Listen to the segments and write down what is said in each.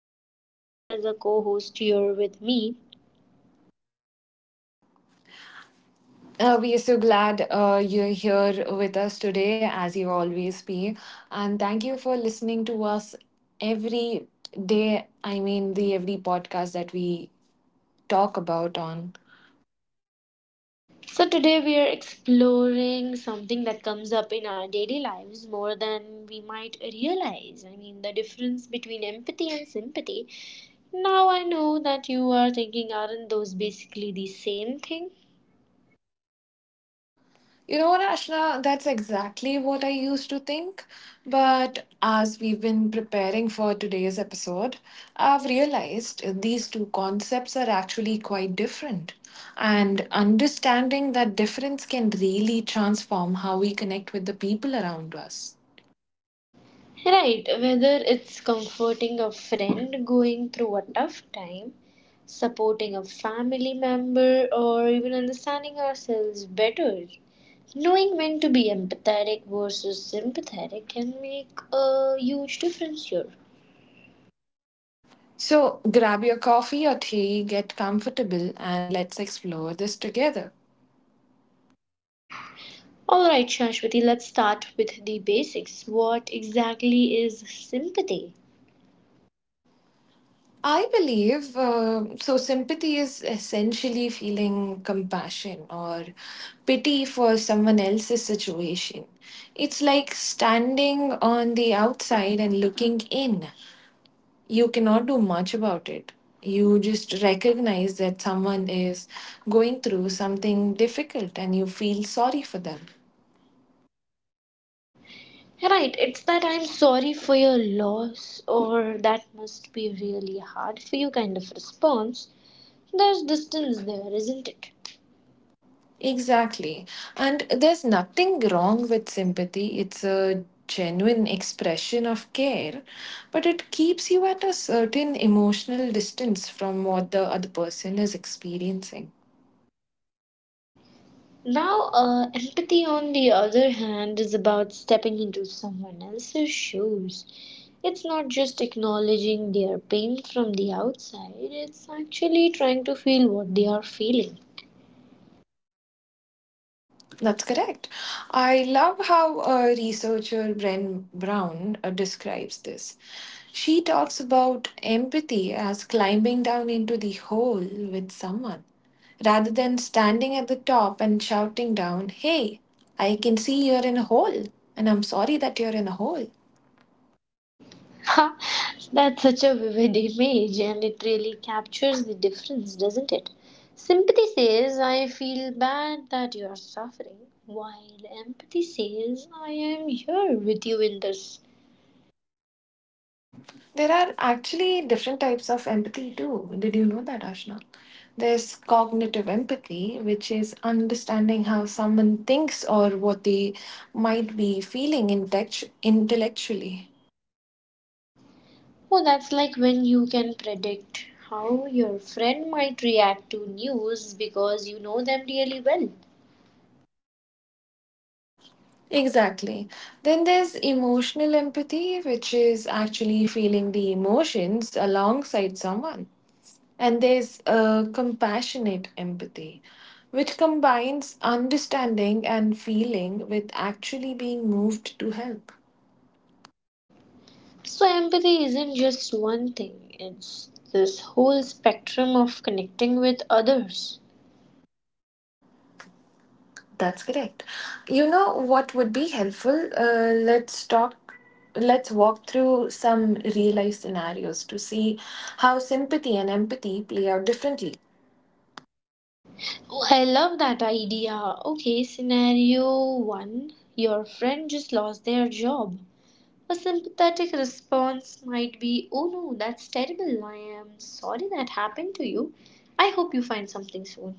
Shashwati as a co-host here with me. We are so glad you're here with us today, as you always be. And thank you for listening to us every day. I mean, the every podcast that we talk about on. So today we are exploring something that comes up in our daily lives more than we might realize. I mean, the difference between empathy and sympathy. Now I know that you are thinking, aren't those basically the same thing? You know what, Ashna, that's exactly what I used to think. But as we've been preparing for today's episode, I've realized these two concepts are actually quite different. And understanding that difference can really transform how we connect with the people around us. Right, whether it's comforting a friend going through a tough time, supporting a family member, or even understanding ourselves better. Knowing when to be empathetic versus sympathetic can make a huge difference here. So grab your coffee or tea, get comfortable, and let's explore this together. Alright, Shashwati, let's start with the basics. What exactly is sympathy? I believe Sympathy is essentially feeling compassion or pity for someone else's situation. It's like standing on the outside and looking in. You cannot do much about it. You just recognize that someone is going through something difficult and you feel sorry for them. Right, it's that I'm sorry for your loss or that must be really hard for you kind of response. There's distance there, isn't it? Exactly. And there's nothing wrong with sympathy. It's a genuine expression of care, but it keeps you at a certain emotional distance from what the other person is experiencing. Now, empathy, on the other hand, is about stepping into someone else's shoes. It's not just acknowledging their pain from the outside, it's actually trying to feel what they are feeling. That's correct. I love how researcher Bren Brown describes this. She talks about empathy as climbing down into the hole with someone rather than standing at the top and shouting down, "Hey, I can see you're in a hole, and I'm sorry that you're in a hole." Ha! That's such a vivid image, and it really captures the difference, doesn't it? Sympathy says, I feel bad that you're suffering, while empathy says, I am here with you in this. There are actually different types of empathy too. Did you know that, Ashna? There's cognitive empathy, which is understanding how someone thinks or what they might be feeling intellectually. Oh, that's like when you can predict how your friend might react to news because you know them really well. Exactly. Then there's emotional empathy, which is actually feeling the emotions alongside someone. And there's compassionate empathy, which combines understanding and feeling with actually being moved to help. So, empathy isn't just one thing, it's this whole spectrum of connecting with others. That's correct. You know what would be helpful? Let's talk. Let's walk through some real life scenarios to see how sympathy and empathy play out differently, Oh, I love that idea. Okay, scenario one, your friend just lost their job. A sympathetic response might be, Oh no, that's terrible. I am sorry that happened to you. I hope you find something soon.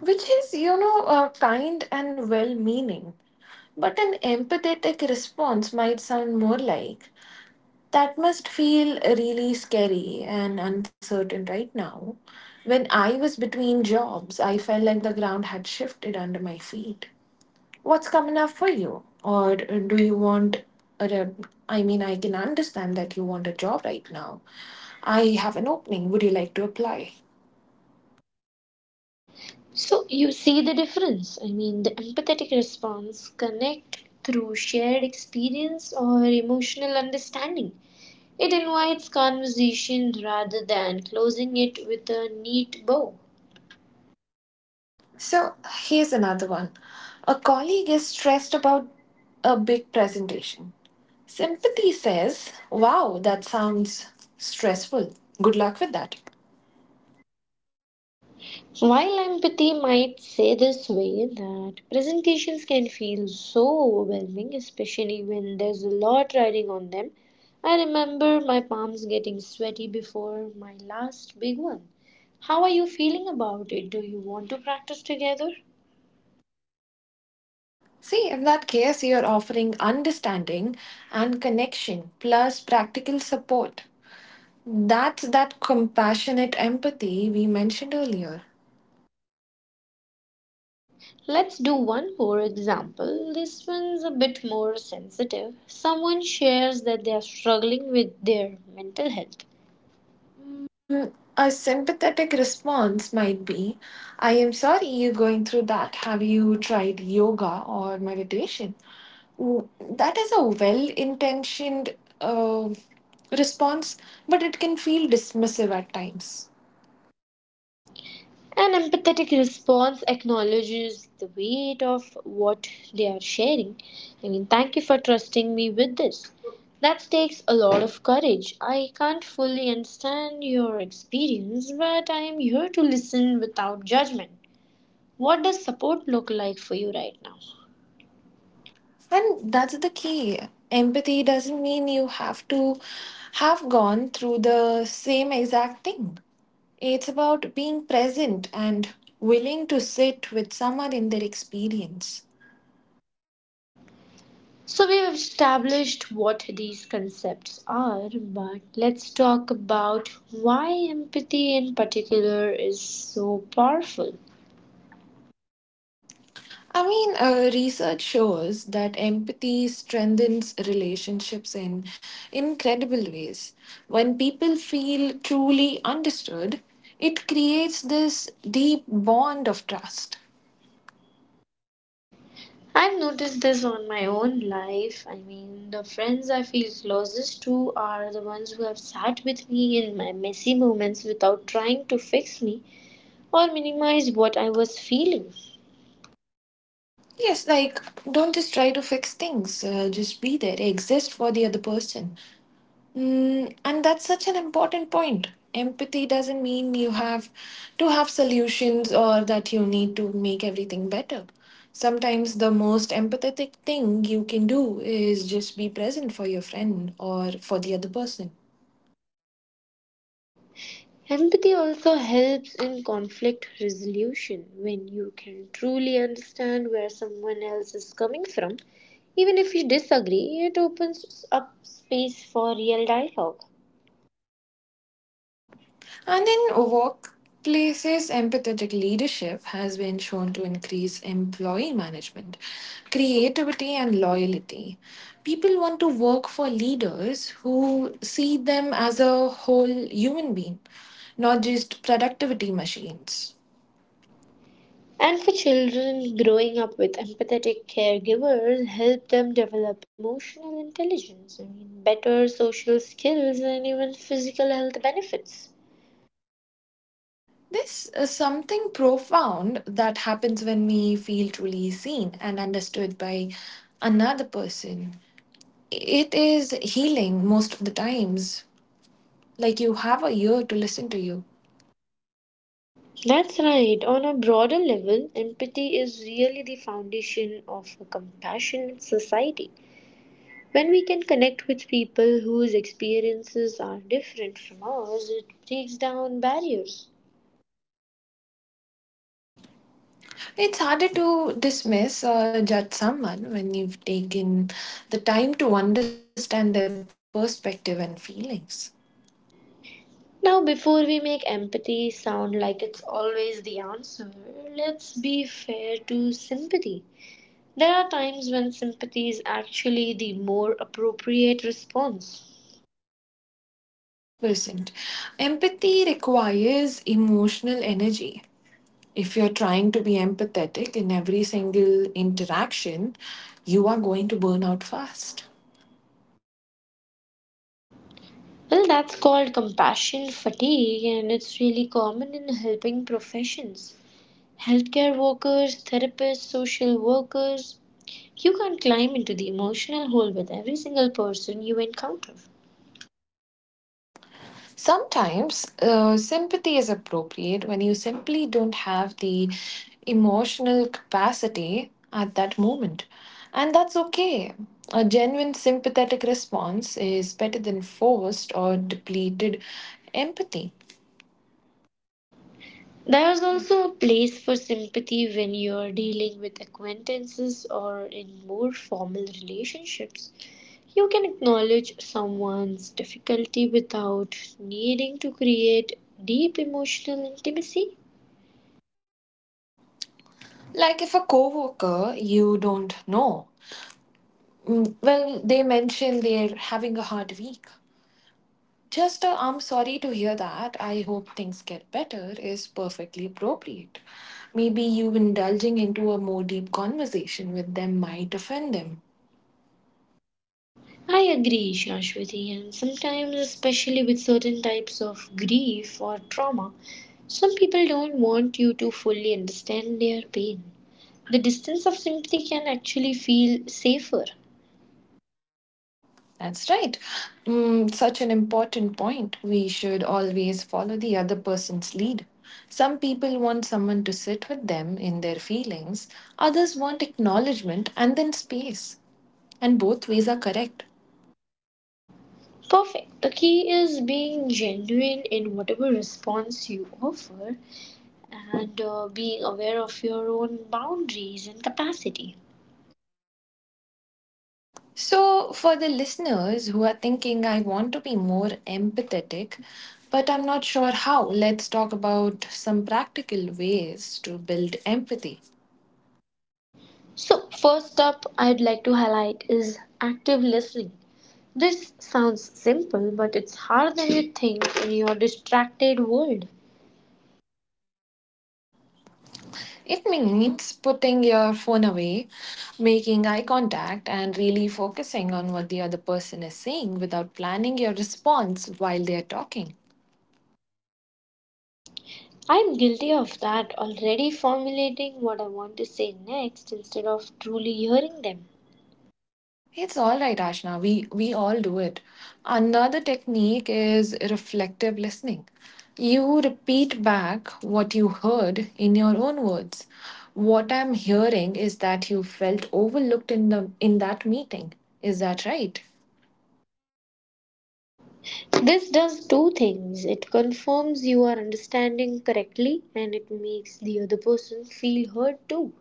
which is, you know, kind and well meaning. But an empathetic response might sound more like that must feel really scary and uncertain right now. When I was between jobs, I felt like the ground had shifted under my feet. What's coming up for you? Or do you want I mean, I can understand that you want a job right now. I have an opening. Would you like to apply? So you see the difference. I mean, the empathetic response connect through shared experience or emotional understanding. It invites conversation rather than closing it with a neat bow. So here's another one. A colleague is stressed about a big presentation. Sympathy says, "Wow, that sounds stressful. Good luck with that." While empathy might say this way that presentations can feel so overwhelming, especially when there's a lot riding on them, I remember my palms getting sweaty before my last big one. How are you feeling about it? Do you want to practice together? See, in that case, you're offering understanding and connection plus practical support. That's that compassionate empathy we mentioned earlier. Let's do one more example. This one's a bit more sensitive. Someone shares that they are struggling with their mental health. Mm, a sympathetic response might be I am sorry you're going through that. Have you tried yoga or meditation? Mm, that is a well intentioned response, but it can feel dismissive at times. An empathetic response acknowledges the weight of what they are sharing. I mean, thank you for trusting me with this. That takes a lot of courage. I can't fully understand your experience, but I am here to listen without judgment. What does support look like for you right now? And that's the key. Empathy doesn't mean you have to have gone through the same exact thing. It's about being present and willing to sit with someone in their experience. So, we've established what these concepts are, but let's talk about why empathy in particular is so powerful. I mean, research shows that empathy strengthens relationships in incredible ways. When people feel truly understood, it creates this deep bond of trust. I've noticed this on my own life. I mean, the friends I feel closest to are the ones who have sat with me in my messy moments without trying to fix me or minimize what I was feeling. Yes, like don't just try to fix things, just be there, exist for the other person. Mm, and that's such an important point. Empathy doesn't mean you have to have solutions or that you need to make everything better. Sometimes the most empathetic thing you can do is just be present for your friend or for the other person. Empathy also helps in conflict resolution when you can truly understand where someone else is coming from. Even if you disagree, it opens up space for real dialogue. And in workplaces, empathetic leadership has been shown to increase employee management, creativity, and loyalty. People want to work for leaders who see them as a whole human being, not just productivity machines. And for children, growing up with empathetic caregivers help them develop emotional intelligence, I mean, better social skills and even physical health benefits. This is something profound that happens when we feel truly seen and understood by another person. It is healing most of the times. Like you have a year to listen to you. That's right. On a broader level, empathy is really the foundation of a compassionate society. When we can connect with people whose experiences are different from ours, it breaks down barriers. It's harder to dismiss or judge someone when you've taken the time to understand their perspective and feelings. Now, before we make empathy sound like it's always the answer, let's be fair to sympathy. There are times when sympathy is actually the more appropriate response. 100%. Empathy requires emotional energy. If you're trying to be empathetic in every single interaction, you are going to burn out fast. Well, that's called compassion fatigue, and it's really common in helping professions. Healthcare workers, therapists, social workers, you can't climb into the emotional hole with every single person you encounter. Sometimes sympathy is appropriate when you simply don't have the emotional capacity at that moment. And that's okay. A genuine sympathetic response is better than forced or depleted empathy. There is also a place for sympathy when you're dealing with acquaintances or in more formal relationships. You can acknowledge someone's difficulty without needing to create deep emotional intimacy. Like if a coworker you don't know, mm, well, they mention they're having a hard week. Just I'm sorry to hear that. I hope things get better is perfectly appropriate. Maybe you indulging into a more deep conversation with them might offend them. I agree, Shashwati, and sometimes, especially with certain types of grief or trauma, some people don't want you to fully understand their pain. The distance of sympathy can actually feel safer. That's right. Mm, such an important point. We should always follow the other person's lead. Some people want someone to sit with them in their feelings, others want acknowledgement and then space. And both ways are correct. Perfect. The key is being genuine in whatever response you offer and being aware of your own boundaries and capacity. So, for the listeners who are thinking, I want to be more empathetic, but I'm not sure how, let's talk about some practical ways to build empathy. So, first up, I'd like to highlight is active listening. This sounds simple, but it's harder than you think in your distracted world. It means putting your phone away, making eye contact, and really focusing on what the other person is saying without planning your response while they are talking. I'm guilty of that, already formulating what I want to say next instead of truly hearing them. It's all right, Ashna. We all do it. Another technique is reflective listening. You repeat back what you heard in your own words. What I'm hearing is that you felt overlooked in the in that meeting. Is that right? This does two things: it confirms you are understanding correctly, and it makes the other person feel heard too.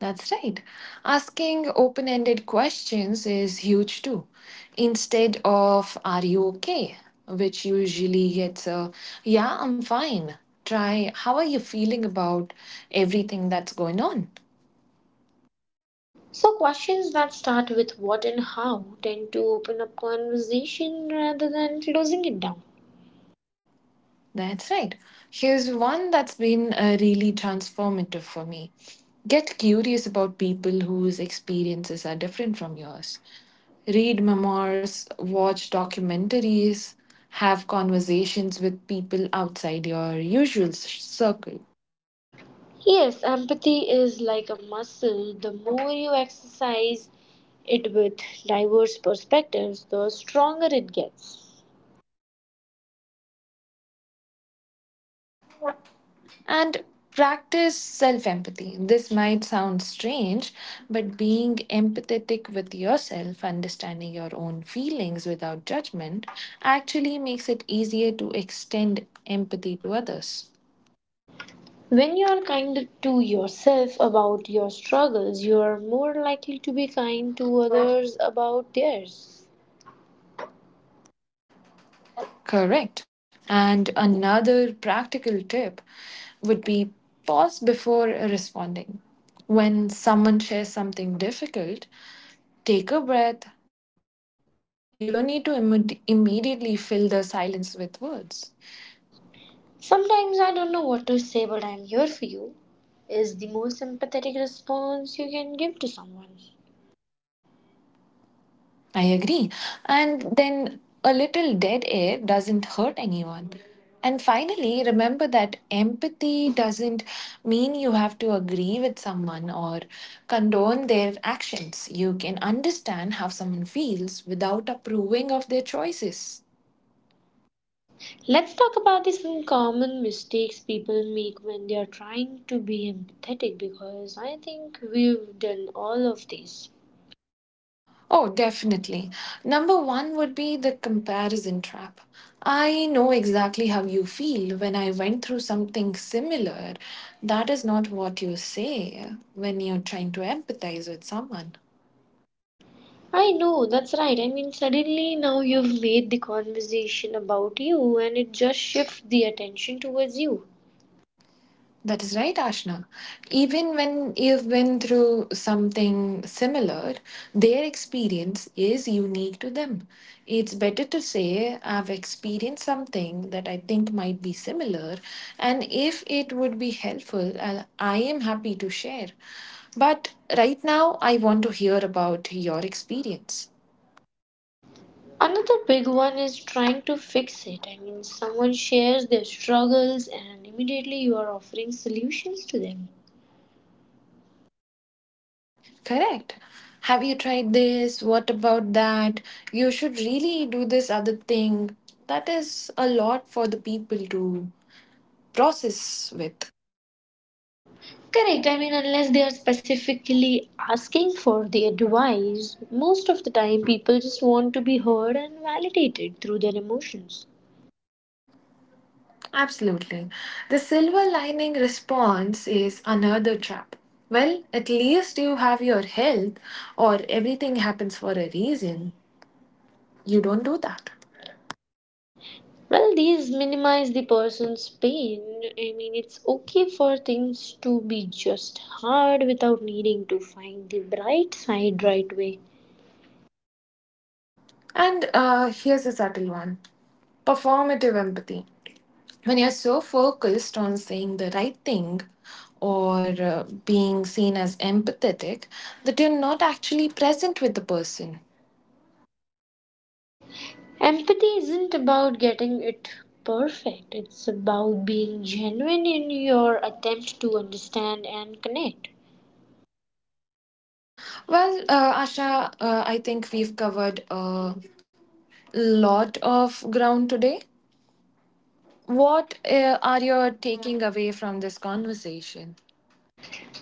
That's right. Asking open ended questions is huge too. Instead of, are you okay? Which usually gets a, yeah, I'm fine. Try, how are you feeling about everything that's going on? So, questions that start with what and how tend to open up conversation rather than closing it down. That's right. Here's one that's been really transformative for me. Get curious about people whose experiences are different from yours. Read memoirs, watch documentaries, have conversations with people outside your usual circle. Yes, empathy is like a muscle. The more you exercise it with diverse perspectives, the stronger it gets. And practice self empathy. This might sound strange, but being empathetic with yourself, understanding your own feelings without judgment, actually makes it easier to extend empathy to others. When you are kind to yourself about your struggles, you are more likely to be kind to others about theirs. Correct. And another practical tip would be pause before responding. When someone shares something difficult, take a breath. You don't need to immediately fill the silence with words. Sometimes I don't know what to say, but I'm here for you, is the most empathetic response you can give to someone. I agree. And then a little dead air doesn't hurt anyone. And finally, remember that empathy doesn't mean you have to agree with someone or condone their actions. You can understand how someone feels without approving of their choices. Let's talk about the some common mistakes people make when they are trying to be empathetic because I think we've done all of these. Oh, definitely. Number one would be the comparison trap. I know exactly how you feel when I went through something similar. That is not what you say when you're trying to empathize with someone. I know, that's right. I mean, suddenly now you've made the conversation about you and it just shifts the attention towards you. That is right, Ashna. Even when you've been through something similar, their experience is unique to them. It's better to say, I've experienced something that I think might be similar, and if it would be helpful, I am happy to share. But right now, I want to hear about your experience. Another big one is trying to fix it. I mean, someone shares their struggles and immediately you are offering solutions to them. Correct. Have you tried this? What about that? You should really do this other thing. That is a lot for the people to process with. Correct. I mean, unless they are specifically asking for the advice, most of the time people just want to be heard and validated through their emotions. Absolutely. The silver lining response is another trap. Well, at least you have your health, or everything happens for a reason. You don't do that. Well, these minimize the person's pain. I mean, it's okay for things to be just hard without needing to find the bright side right away. And here's a subtle one performative empathy. When you're so focused on saying the right thing or being seen as empathetic that you're not actually present with the person. Empathy isn't about getting it perfect, it's about being genuine in your attempt to understand and connect. Well, Asha, I think we've covered a lot of ground today. What are you taking away from this conversation?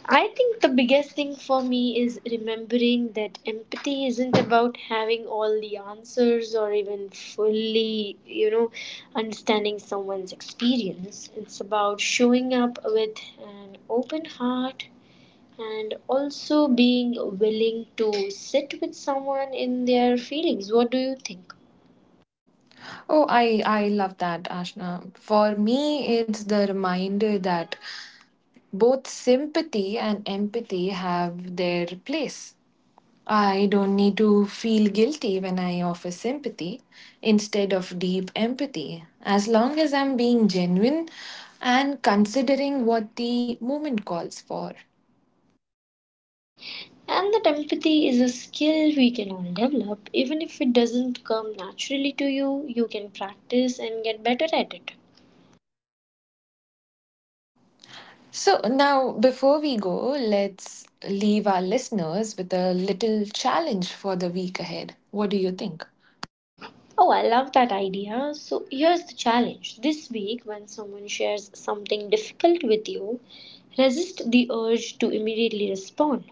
I think the biggest thing for me is remembering that empathy isn't about having all the answers or even fully, you know, understanding someone's experience. It's about showing up with an open heart and also being willing to sit with someone in their feelings. What do you think? Oh, I love that, Ashna. For me, it's the reminder that both sympathy and empathy have their place. I don't need to feel guilty when I offer sympathy instead of deep empathy. As long as I'm being genuine and considering what the moment calls for. And that empathy is a skill we can all develop. Even if it doesn't come naturally to you, you can practice and get better at it. So, now before we go, let's leave our listeners with a little challenge for the week ahead. What do you think? Oh, I love that idea. So here's the challenge. This week, when someone shares something difficult with you, resist the urge to immediately respond.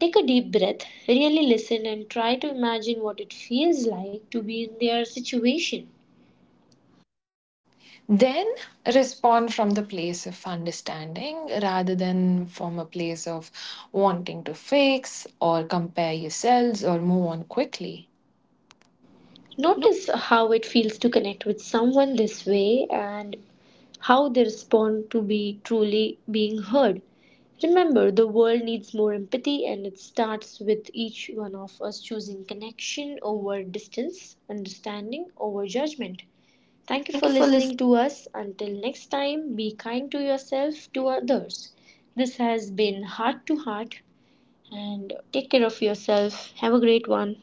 Take a deep breath, really listen, and try to imagine what it feels like to be in their situation. Then respond from the place of understanding rather than from a place of wanting to fix or compare yourselves or move on quickly. Notice how it feels to connect with someone this way and how they respond to be truly being heard. Remember, the world needs more empathy, and it starts with each one of us choosing connection over distance, understanding over judgment. Thank you Thank for you for listening. listening to us. Until next time, be kind to yourself, to others. This has been Heart to Heart, and take care of yourself. Have a great one.